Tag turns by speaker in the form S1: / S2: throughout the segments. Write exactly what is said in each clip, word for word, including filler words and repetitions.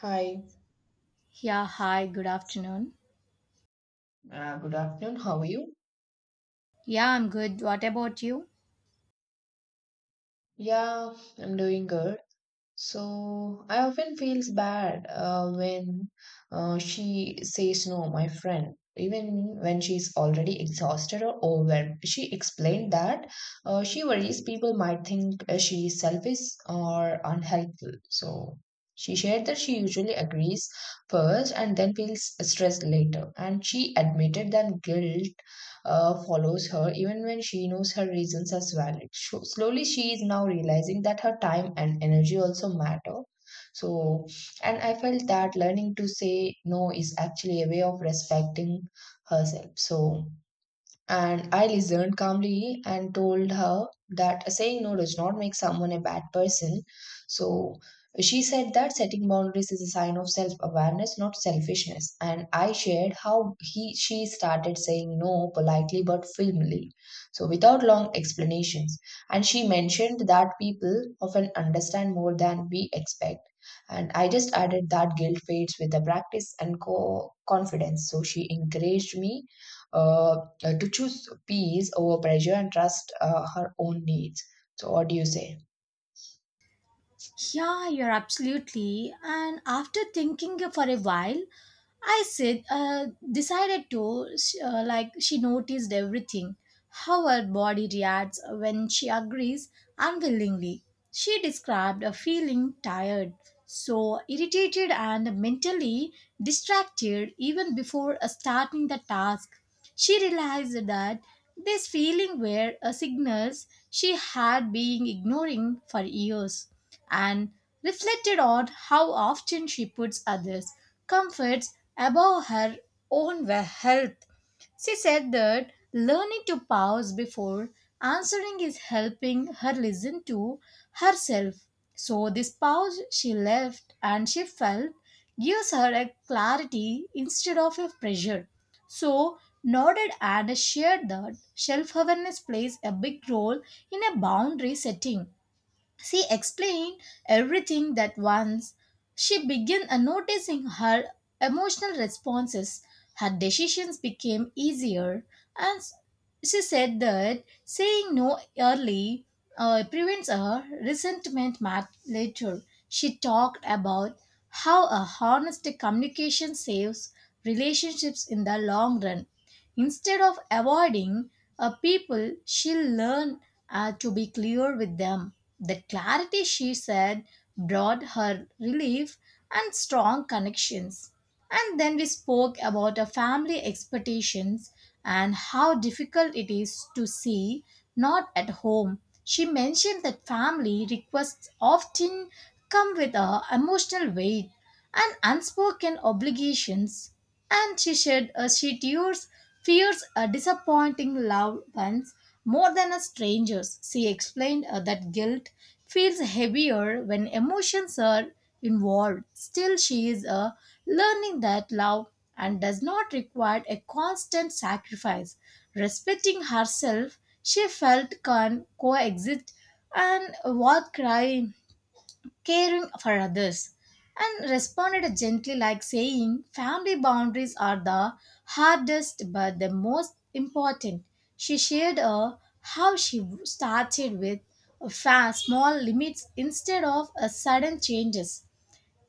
S1: Hi,
S2: Yeah, hi, good afternoon.
S1: uh, good afternoon. How are you?
S2: Yeah, I'm good. What about you?
S1: Yeah, I'm doing good. So I often feels bad uh, when uh, she says no, my friend. Even when she's already exhausted or overwhelmed, she explained that uh, she worries people might think uh, she is selfish or unhelpful. So she shared that she usually agrees first and then feels stressed later. And she admitted that guilt uh, follows her even when she knows her reasons are valid. So slowly, she is now realizing that her time and energy also matter. So, and I felt that learning to say no is actually a way of respecting herself. So, and I listened calmly and told her that saying no does not make someone a bad person. So she said that setting boundaries is a sign of self awareness, not selfishness. And I shared how he she started saying no politely but firmly, so without long explanations. And she mentioned that people often understand more than we expect. And I just added that guilt fades with the practice and co- confidence. So she encouraged me uh, uh, to choose peace over pressure and trust uh, her own needs. So, what do you say?
S2: Yeah, you're absolutely. And after thinking for a while, I said, uh, decided to, sh- uh, like, she noticed everything how her body reacts when she agrees unwillingly. She described a feeling tired, so irritated and mentally distracted even before uh, starting the task. She realized that this feeling were uh, signals she had been ignoring for years and reflected on how often she puts others' comforts above her own we- health. She said that learning to pause before answering is helping her listen to herself. So, this pause she left and she felt gives her a clarity instead of a pressure. So, nodded and shared that self awareness plays a big role in a boundary setting. She explained everything that once she began noticing her emotional responses, her decisions became easier, and she said that saying no early uh, prevents a resentment mat- later. She talked about how a honest communication saves relationships in the long run. Instead of avoiding uh, people, she learned uh, to be clear with them. The clarity, she said, brought her relief and strong connections. And then we spoke about our family expectations and how difficult it is to see not at home. She mentioned that family requests often come with a emotional weight and unspoken obligations. And she shared uh, she tears, fears a disappointing loved ones more than as strangers. She explained uh, that guilt feels heavier when emotions are involved. Still, she is uh, learning that love and does not require a constant sacrifice. Respecting herself, she felt can coexist and what cry caring for others, and responded gently, like saying, "Family boundaries are the hardest but the most important." She shared uh, how she started with uh, fa- small limits instead of uh, sudden changes.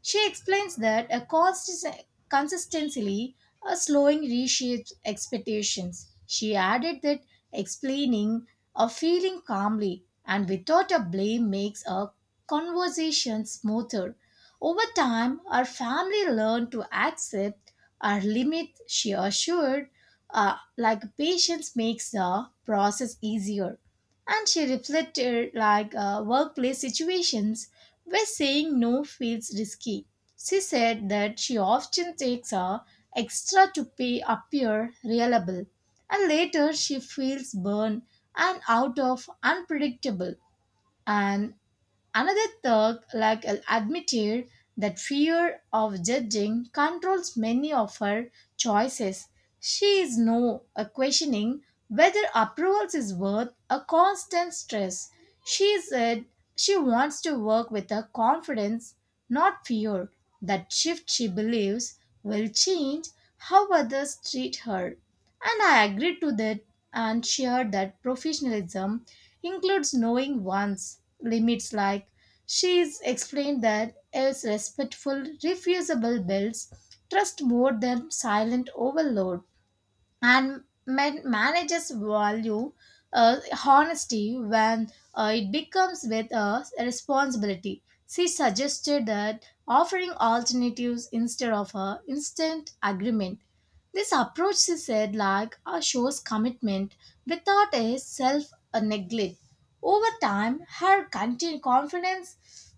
S2: She explains that a cost is consistently a slowing reshapes expectations. She added that explaining or feeling calmly and without a blame makes a conversation smoother. Over time, our family learned to accept our limits, she assured, uh, like patience makes the process easier, and she reflected like uh, workplace situations where saying no feels risky. She said that she often takes a extra to pay appear reliable, and later she feels burned and out of unpredictable. And another thug like uh, admitted that fear of judging controls many of her choices. She is now uh, questioning whether approvals is worth a constant stress. She said she wants to work with a confidence, not fear. That shift, she believes, will change how others treat her. And I agreed to that and shared that professionalism includes knowing one's limits, like she's explained that as respectful, refusable builds trust more than silent overload, and man- managers value uh, honesty when uh, it becomes with a responsibility. She suggested that offering alternatives instead of a instant agreement. This approach, she said, like uh, shows commitment without a self uh, neglect. Over time, her continued confidence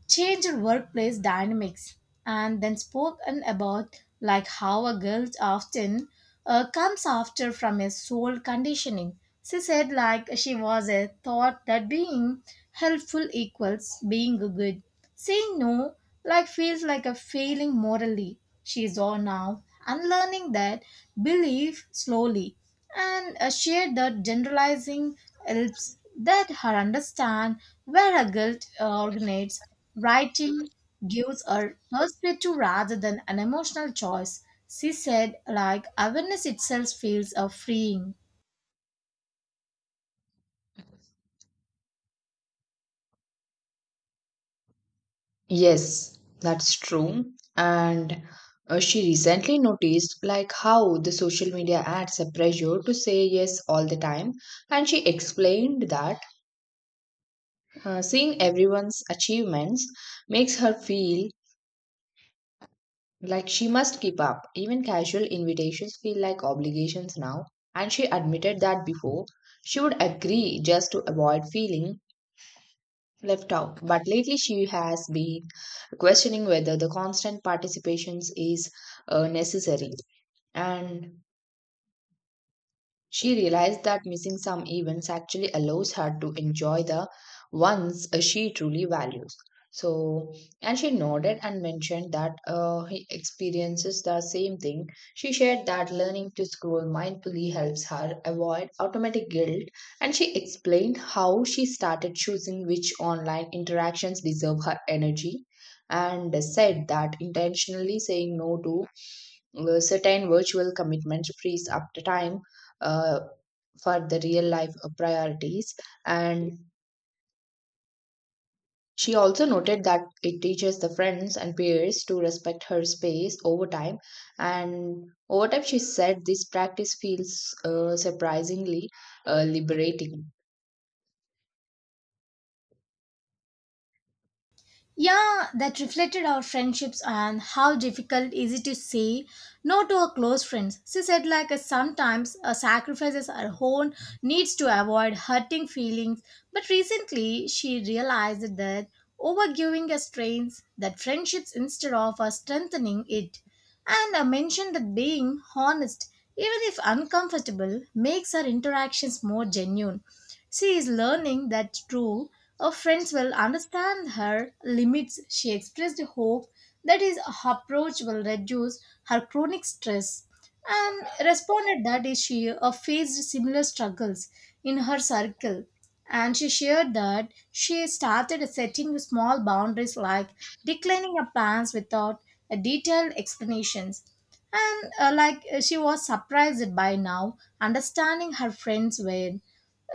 S2: changed workplace dynamics, and then spoken about like how a girl often uh, comes after from a soul conditioning. She said, like she was a thought that being helpful equals being good. Saying no, like feels like a failing morally. She is all now unlearning that belief slowly, and uh, share that generalizing helps that her understand where her guilt uh, originates. Writing gives her perspective rather than an emotional choice. She said, like awareness itself feels uh, freeing.
S1: Yes, that's true. And uh, she recently noticed like how the social media adds a pressure to say yes all the time. And she explained that uh, seeing everyone's achievements makes her feel like she must keep up. Even casual invitations feel like obligations now. And she admitted that before she would agree just to avoid feeling left out. But lately, she has been questioning whether the constant participations is uh, necessary. And she realized that missing some events actually allows her to enjoy the ones uh, she truly values. So, and she nodded and mentioned that uh, he experiences the same thing. She shared that learning to scroll mindfully helps her avoid automatic guilt, and she explained how she started choosing which online interactions deserve her energy and said that intentionally saying no to uh, certain virtual commitments frees up the time uh, for the real life uh, priorities. And she also noted that it teaches the friends and peers to respect her space over time. And over time, she said this practice feels uh, surprisingly uh, liberating.
S2: Yeah, that reflected our friendships and how difficult is it to say no to our close friends. She said like uh, sometimes uh, sacrifices her own needs to avoid hurting feelings. But recently she realized that overgiving us strains that friendships instead of uh, strengthening it. And uh, mentioned that being honest, even if uncomfortable, makes our interactions more genuine. She is learning that through her friends will understand her limits. She expressed hope that his approach will reduce her chronic stress, and responded that is she uh, faced similar struggles in her circle, and she shared that she started setting small boundaries like declining her plans without uh, detailed explanations, and uh, like uh, she was surprised by now understanding her friends were.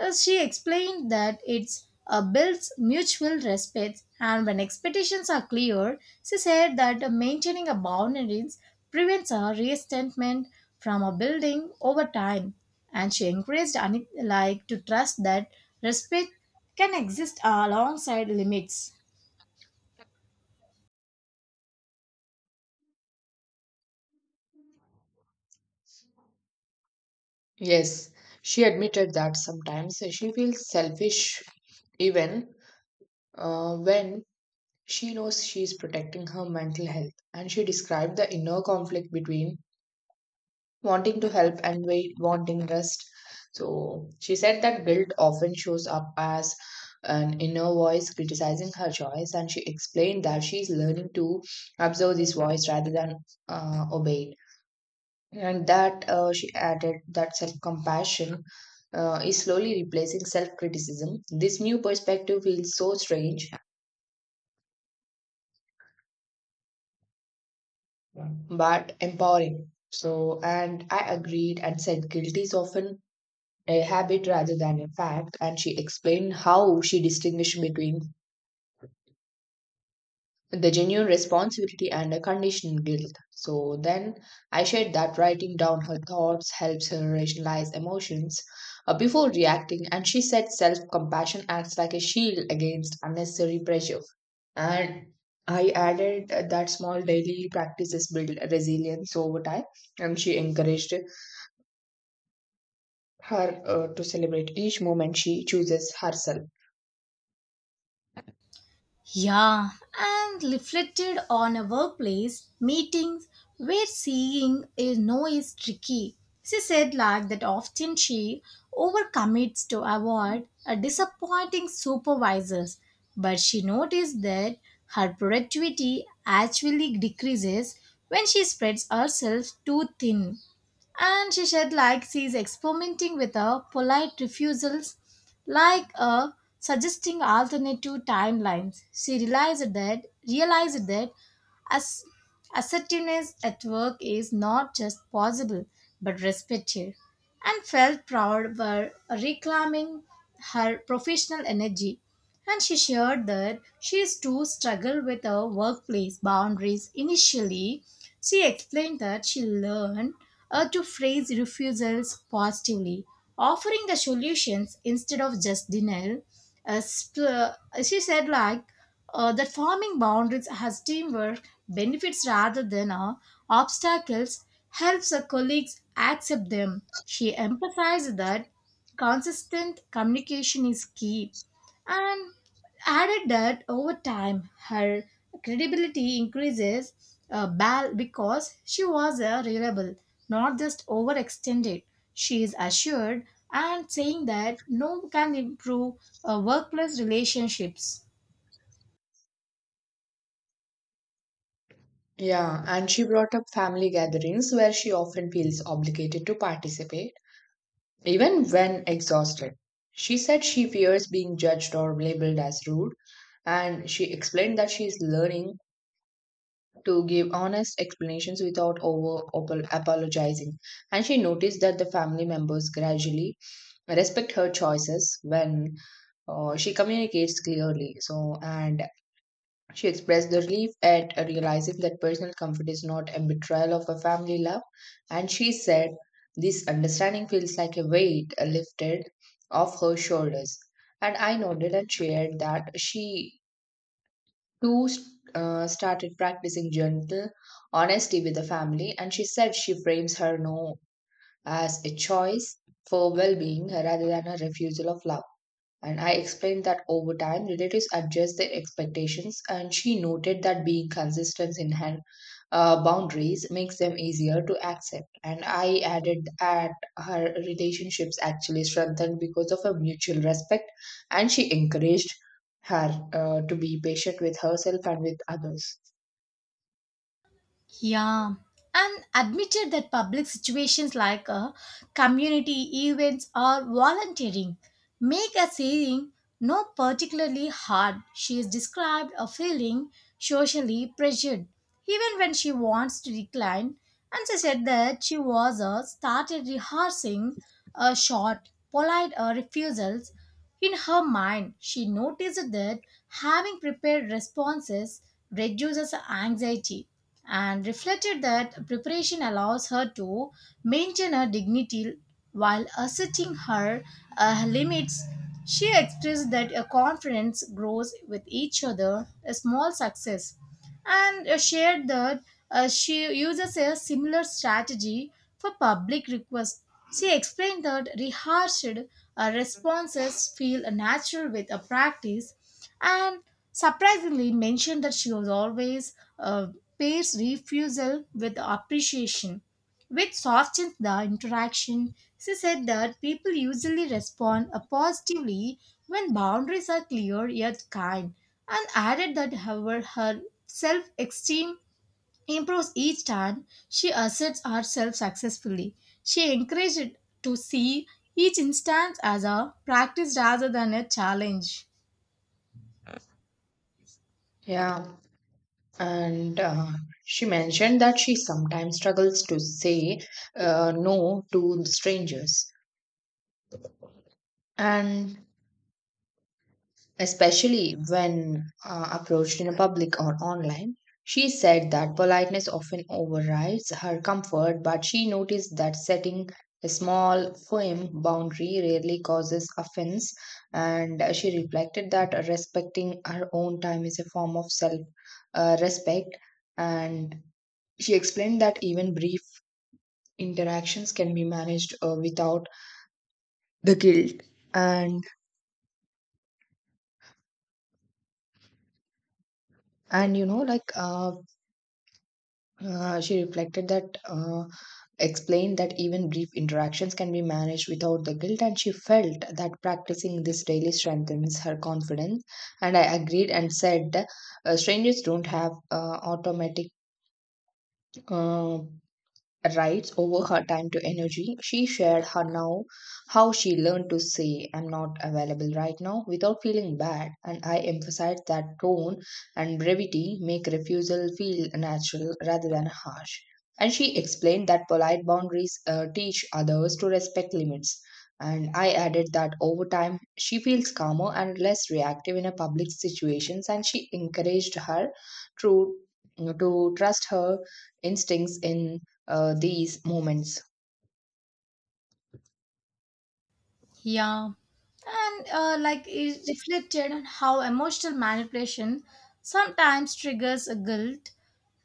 S2: uh, She explained that it's uh, builds mutual respect, and when expectations are clear, she said that uh, maintaining a boundaries prevents a resentment from a building over time. And she encouraged Anit like to trust that respect can exist alongside limits.
S1: Yes, she admitted that sometimes she feels selfish even uh, when she knows she is protecting her mental health. And she described the inner conflict between wanting to help and wait, wanting rest. So she said that guilt often shows up as an inner voice criticizing her choice, and she explained that she is learning to observe this voice rather than uh, obey it. And that uh, she added that self compassion uh, is slowly replacing self criticism. This new perspective feels so strange but empowering. So, and I agreed and said guilt is often a habit rather than a fact, and she explained how she distinguished between the genuine responsibility and a conditioned guilt. So then I shared that writing down her thoughts helps her rationalize emotions uh, before reacting, and she said self compassion acts like a shield against unnecessary pressure. And I added uh, that small daily practices build resilience over time, and she encouraged her uh, to celebrate each moment she chooses herself.
S2: Yeah, and reflected on a workplace meetings where seeing a no is tricky. She said like that often she overcommits to avoid a disappointing supervisors, but she noticed that her productivity actually decreases when she spreads herself too thin. And she said, like, she's experimenting with a polite refusals, like uh, suggesting alternative timelines. She realized that, realized that as assertiveness at work is not just possible but respected, and felt proud for reclaiming her professional energy. And she shared that she is too struggled with her workplace boundaries initially. She explained that she learned uh, to phrase refusals positively, offering the solutions instead of just denial. Uh, sp- uh, she said like uh, that forming boundaries as teamwork benefits rather than uh, obstacles helps her colleagues accept them. She emphasized that consistent communication is key, and added that over time her credibility increases uh, bal- because she was uh, reliable, not just overextended. She is assured and saying that no can improve uh, workplace relationships.
S1: Yeah, and she brought up family gatherings where she often feels obligated to participate, even when exhausted. She said she fears being judged or labeled as rude, and she explained that she is learning to give honest explanations without over op- apologizing. And she noticed that the family members gradually respect her choices when uh, she communicates clearly. So, and she expressed the relief at realizing that personal comfort is not a betrayal of her family love, and she said, "This understanding feels like a weight lifted off her shoulders." And I nodded and shared that she too uh, started practicing gentle honesty with the family, and she said she frames her no as a choice for well being rather than a refusal of love. And I explained that over time, relatives adjust their expectations, and she noted that being consistent in her uh, boundaries makes them easier to accept. And I added that her relationships actually strengthened because of a mutual respect, and she encouraged her uh, to be patient with herself and with others.
S2: Yeah, and admitted that public situations like uh, community events or volunteering make a saying no particularly hard. She is described a feeling socially pressured, even when she wants to decline. And she said that she was uh, started rehearsing a short, polite uh, refusals in her mind. She noticed that having prepared responses reduces anxiety, and reflected that preparation allows her to maintain her dignity while asserting her uh, limits. She expressed that a confidence grows with each other, a small success, and uh, shared that uh, she uses a similar strategy for public requests. She explained that rehearsed uh, responses feel natural with a practice, and surprisingly mentioned that she was always uh, pairs refusal with appreciation, which softens the interaction. She said that people usually respond uh, positively when boundaries are clear yet kind, and added that, however, her self esteem improves each time she asserts herself successfully. She encouraged to see each instance as a practice rather than a challenge.
S1: Yeah, and uh, she mentioned that she sometimes struggles to say uh, no to strangers. And especially when uh, approached in public or online. She said that politeness often overrides her comfort, but she noticed that setting a small, firm boundary rarely causes offense, and uh, she reflected that respecting her own time is a form of self uh, respect. And she explained that even brief interactions can be managed uh, without the guilt. And and you know, like uh, Uh, she reflected that, uh, Explained that even brief interactions can be managed without the guilt, and she felt that practicing this daily strengthens her confidence. And I agreed and said, uh, strangers don't have uh, automatic. Uh, rights over her time to energy. She shared her now how she learned to say "I'm not available right now" without feeling bad, and I emphasized that tone and brevity make refusal feel natural rather than harsh. And she explained that polite boundaries uh, teach others to respect limits. And I added that over time she feels calmer and less reactive in a public situations, and she encouraged her to, to trust her instincts in uh, these moments.
S2: Yeah, and uh, like is reflected on how emotional manipulation sometimes triggers a guilt,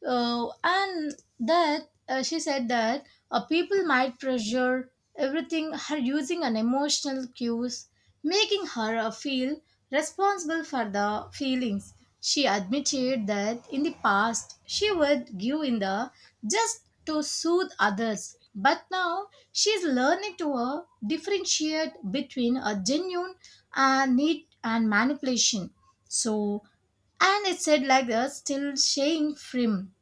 S2: uh, and that uh, she said that uh, people might pressure everything her using an emotional cues, making her uh, feel responsible for the feelings. She admitted that in the past she would give in the just to soothe others, but now she's learning to uh, differentiate between a genuine uh, need and manipulation. So, and it said like that still staying firm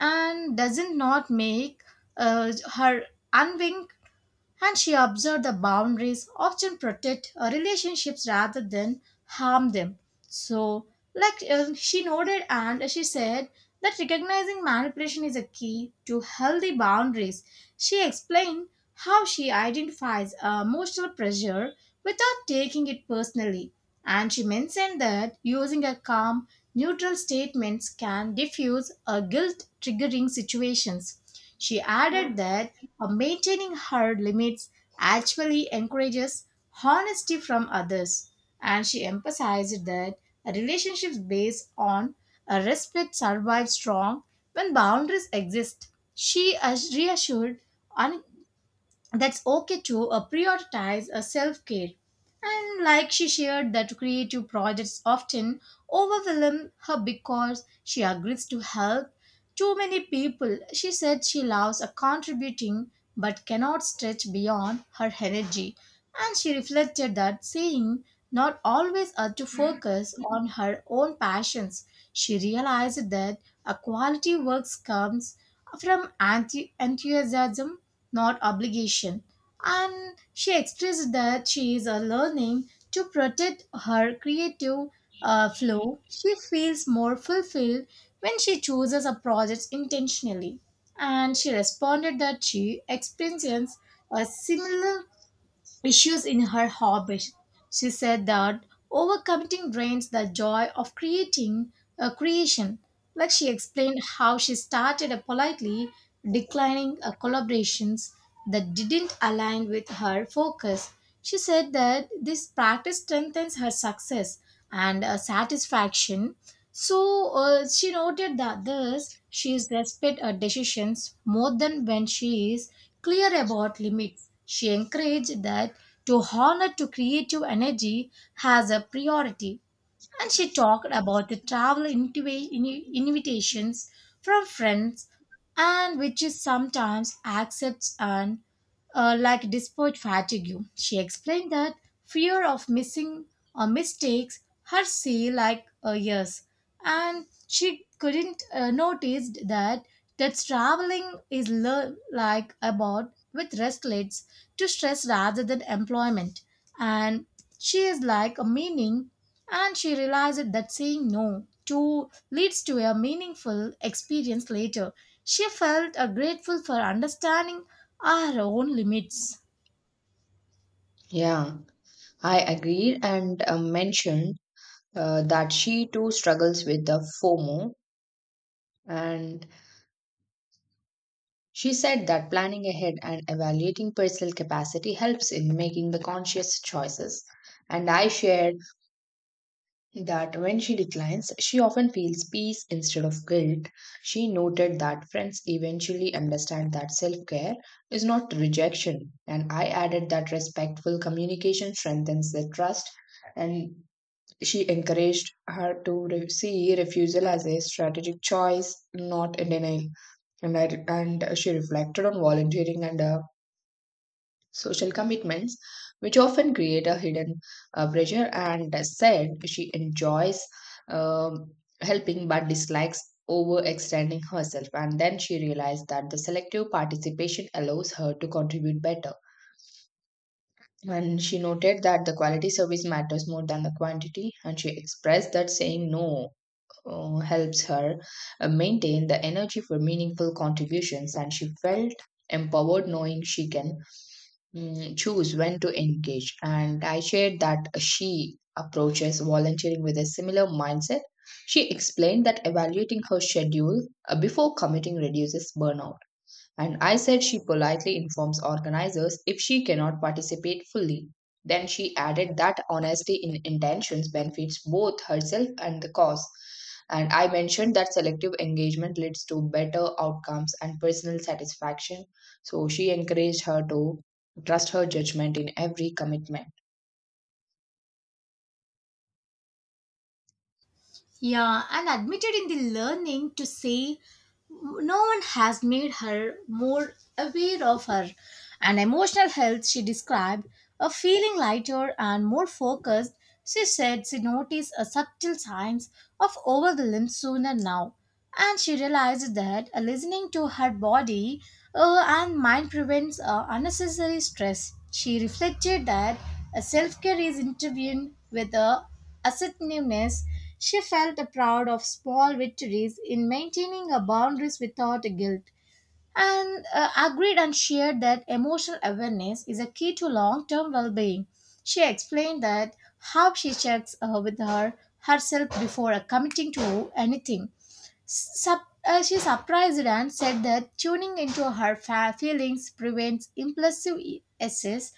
S2: and doesn't not make uh, her unwink, and she observed the boundaries often protect uh, relationships rather than harm them. So, like uh, she noted, and she said that recognizing manipulation is a key to healthy boundaries. She explained how she identifies uh, emotional pressure without taking it personally, and she mentioned that using a calm, neutral statements can diffuse a guilt triggering situations. She added that uh, maintaining her limits actually encourages honesty from others. And she emphasized that relationships based on a respect survive strong when boundaries exist. She ass- reassured un- that's okay to uh, prioritize uh, self-care, and like she shared that creative projects often overwhelm her because she agrees to help too many people. She said she loves uh, contributing but cannot stretch beyond her energy, and she reflected that saying not always uh, to focus on her own passions. She realized that a quality works comes from enthu- enthusiasm, not obligation. And she expressed that she is uh, learning to protect her creative uh, flow. She feels more fulfilled when she chooses a project intentionally. And she responded that she experiences a similar issues in her hobbies. She said that overcommitting drains the joy of creating a creation. Like, she explained how she started a politely declining uh, collaborations that didn't align with her focus. She said that this practice strengthens her success and uh, satisfaction. So, uh, she noted that thus she is respect her decisions more than when she is clear about limits. She encouraged that to honor to creative energy has a priority, and she talked about the travel intiva- ini- invitations from friends, and which is sometimes accepts, and uh, like, despite fatigue, she explained that fear of missing or mistakes her see like uh, years, and she couldn't uh, notice that that traveling is le- like about with restlets to stress rather than employment, and she is like a meaning, and she realized that saying no to leads to a meaningful experience later. She felt uh, grateful for understanding her own limits.
S1: Yeah, I agreed and uh, mentioned uh, that she too struggles with the FOMO. And she said that planning ahead and evaluating personal capacity helps in making the conscious choices. And I shared that when she declines, she often feels peace instead of guilt. She noted that friends eventually understand that self care is not rejection. And I added that respectful communication strengthens the trust, and she encouraged her to re- see refusal as a strategic choice, not a denial. And, I, and she reflected on volunteering and uh, social commitments, which often create a hidden uh, pressure, and said she enjoys um, helping but dislikes overextending herself. And then she realized that the selective participation allows her to contribute better. And she noted that the quality service matters more than the quantity, and she expressed that saying no uh, helps her uh, maintain the energy for meaningful contributions, and she felt empowered knowing she can mm, choose when to engage. And I shared that she approaches volunteering with a similar mindset. She explained that evaluating her schedule uh, before committing reduces burnout. And I said she politely informs organizers if she cannot participate fully. Then she added that honesty in intentions benefits both herself and the cause. And I mentioned that selective engagement leads to better outcomes and personal satisfaction. So she encouraged her to trust her judgment in every commitment.
S2: Yeah, and admitted in the learning to say no one has made her more aware of her. And emotional health, she described, a feeling lighter and more focused. She said she noticed a subtle signs of overwhelm sooner now. And she realized that uh, listening to her body uh, and mind prevents uh, unnecessary stress. She reflected that self care is intervened with a assertiveness. She felt proud of small victories in maintaining her boundaries without guilt, and uh, agreed and shared that emotional awareness is a key to long-term well-being. She explained that how she checks uh, with her herself before uh, committing to anything. Sup- uh, she surprised and said that tuning into her fa- feelings prevents impulsive e- essays,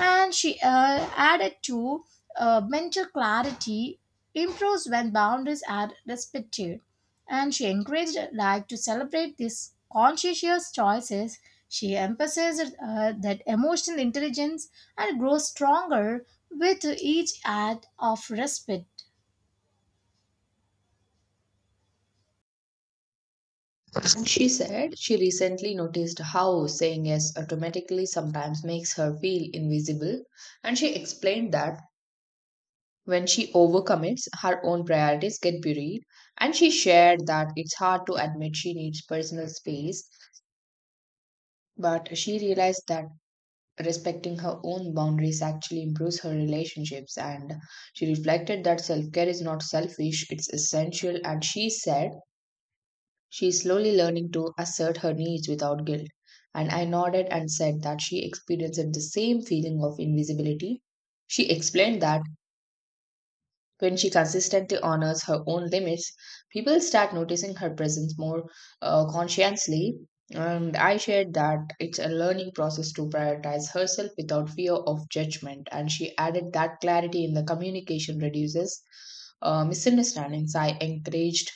S2: and she uh, added to uh, mental clarity improves when boundaries are respected, and she encouraged like to celebrate these conscientious choices. She emphasized uh, that emotional intelligence and grows stronger with each act of respect.
S1: And she said she recently noticed how saying yes automatically sometimes makes her feel invisible. And she explained that when she overcommits, her own priorities get buried, and she shared that it's hard to admit she needs personal space, but she realized that respecting her own boundaries actually improves her relationships. And she reflected that self care is not selfish, it's essential. And she said she's slowly learning to assert her needs without guilt. And I nodded and said that she experienced the same feeling of invisibility. She explained that when she consistently honors her own limits, people start noticing her presence more uh, consciously. And I shared that it's a learning process to prioritize herself without fear of judgment. And she added that clarity in the communication reduces uh, misunderstandings. I encouraged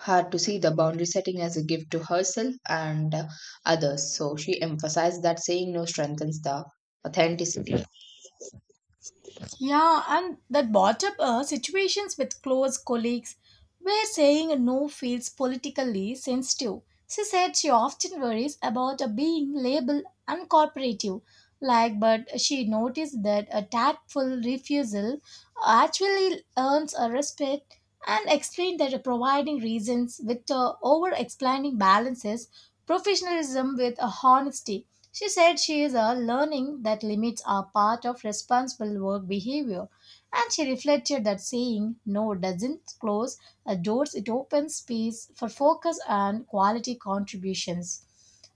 S1: her to see the boundary setting as a gift to herself and uh, others. So she emphasized that saying no strengthens the authenticity.
S2: Yeah, and that brought up uh, situations with close colleagues where saying no feels politically sensitive. She said she often worries about uh, being labeled uncooperative, like, but she noticed that a tactful refusal actually earns a respect, and explained that uh, providing reasons with uh, over explaining balances professionalism with uh, honesty. She said she is uh, learning that limits are part of responsible work behavior, and she reflected that saying no doesn't close uh, doors, it opens space for focus and quality contributions.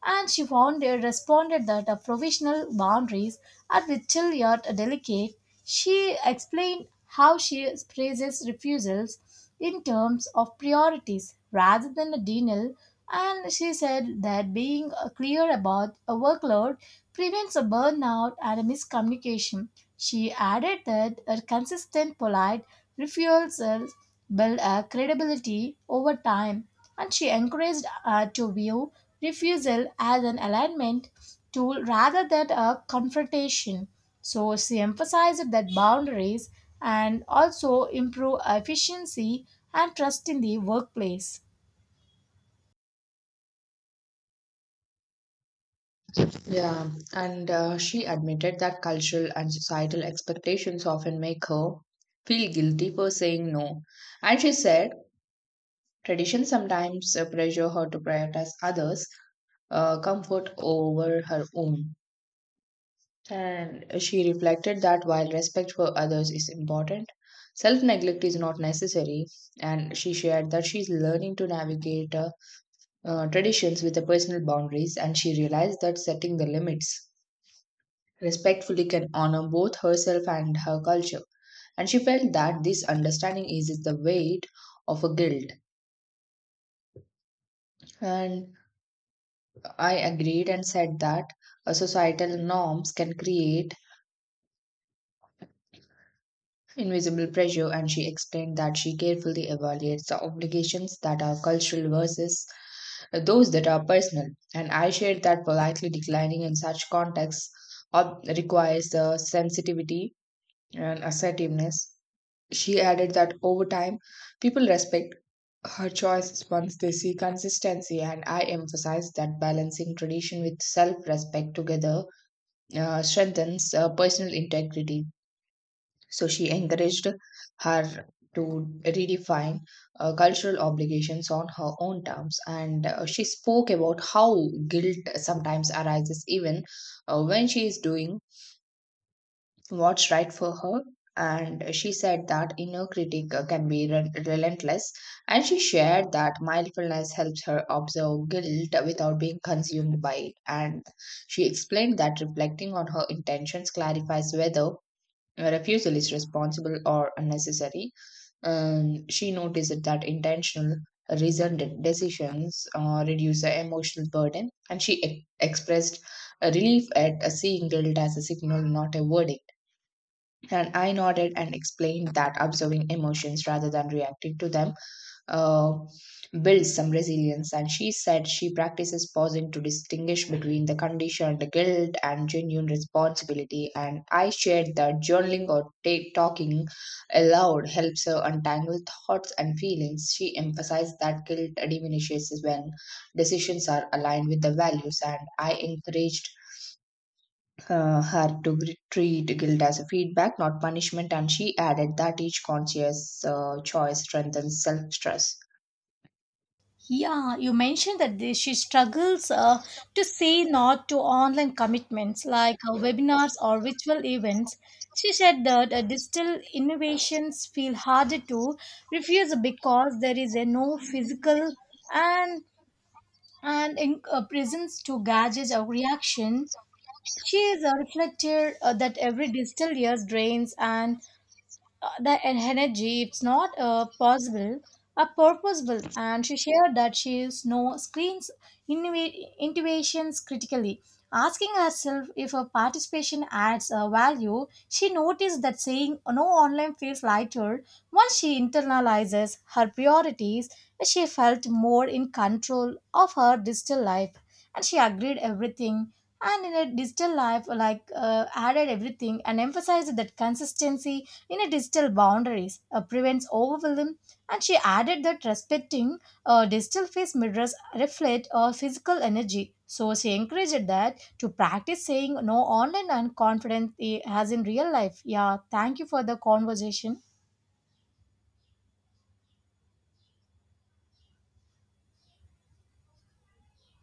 S2: And she found uh, responded that uh, provisional boundaries are little yet delicate. She explained how she phrases refusals in terms of priorities rather than a denial, and she said that being uh, clear about a workload prevents a burnout and a miscommunication. She added that a consistent, polite refusals build a credibility over time, and she encouraged uh, to view refusal as an alignment tool rather than a confrontation. So she emphasized that boundaries and also improve efficiency and trust in the workplace.
S1: Yeah, and uh, she admitted that cultural and societal expectations often make her feel guilty for saying no. And she said tradition sometimes uh, pressure her to prioritize others' uh, comfort over her own. And she reflected that while respect for others is important, self neglect is not necessary. And she shared that she's learning to navigate uh, uh, traditions with the personal boundaries, and she realized that setting the limits respectfully can honor both herself and her culture. And she felt that this understanding eases the weight of a guilt. And I agreed and said that uh, societal norms can create invisible pressure. And she explained that she carefully evaluates the obligations that are cultural versus those that are personal. And I shared that politely declining in such contexts ob- requires the sensitivity and assertiveness. She added that over time, people respect her choices once they see consistency, and I emphasize that balancing tradition with self respect together uh, strengthens uh, personal integrity. So she encouraged her to redefine uh, cultural obligations on her own terms, and uh, she spoke about how guilt sometimes arises even uh, when she is doing what's right for her. And she said that inner critic uh, can be re- relentless. And she shared that mindfulness helps her observe guilt without being consumed by it. And she explained that reflecting on her intentions clarifies whether a refusal is responsible or unnecessary. Um, she noticed that intentional, reasoned decisions uh, reduce the emotional burden. And she e- expressed a relief at uh, seeing guilt as a signal, not a verdict. And I nodded and explained that observing emotions rather than reacting to them uh, builds some resilience. And she said she practices pausing to distinguish between the conditioned guilt and genuine responsibility. And I shared that journaling or take talking aloud helps her untangle thoughts and feelings. She emphasized that guilt diminishes when decisions are aligned with the values. And I encouraged uh, her to gr- treat guilt as a feedback, not punishment, and she added that each conscious uh, choice strengthens self trust.
S2: Yeah, you mentioned that they, she struggles uh, to say not to online commitments like uh, webinars or virtual events. She said that uh, digital innovations feel harder to refuse because there is a no physical, and and in, uh, presence to gadgets or reaction. She is uh, reflected uh, that every digital year drains, and uh, that energy it's not uh, possible are purposeful, and she shared that she is no screens innova- innovations critically, asking herself if her participation adds uh, value. She noticed that saying no online feels lighter once she internalizes her priorities. She felt more in control of her digital life, and she agreed everything, and in a digital life like uh, added everything and emphasized that consistency in a digital boundaries uh, prevents overwhelm, and she added that respecting uh, digital face mirrors reflect uh, physical energy. So she encouraged that to practice saying no online and confident eh, as in real life. Yeah, thank you for the conversation.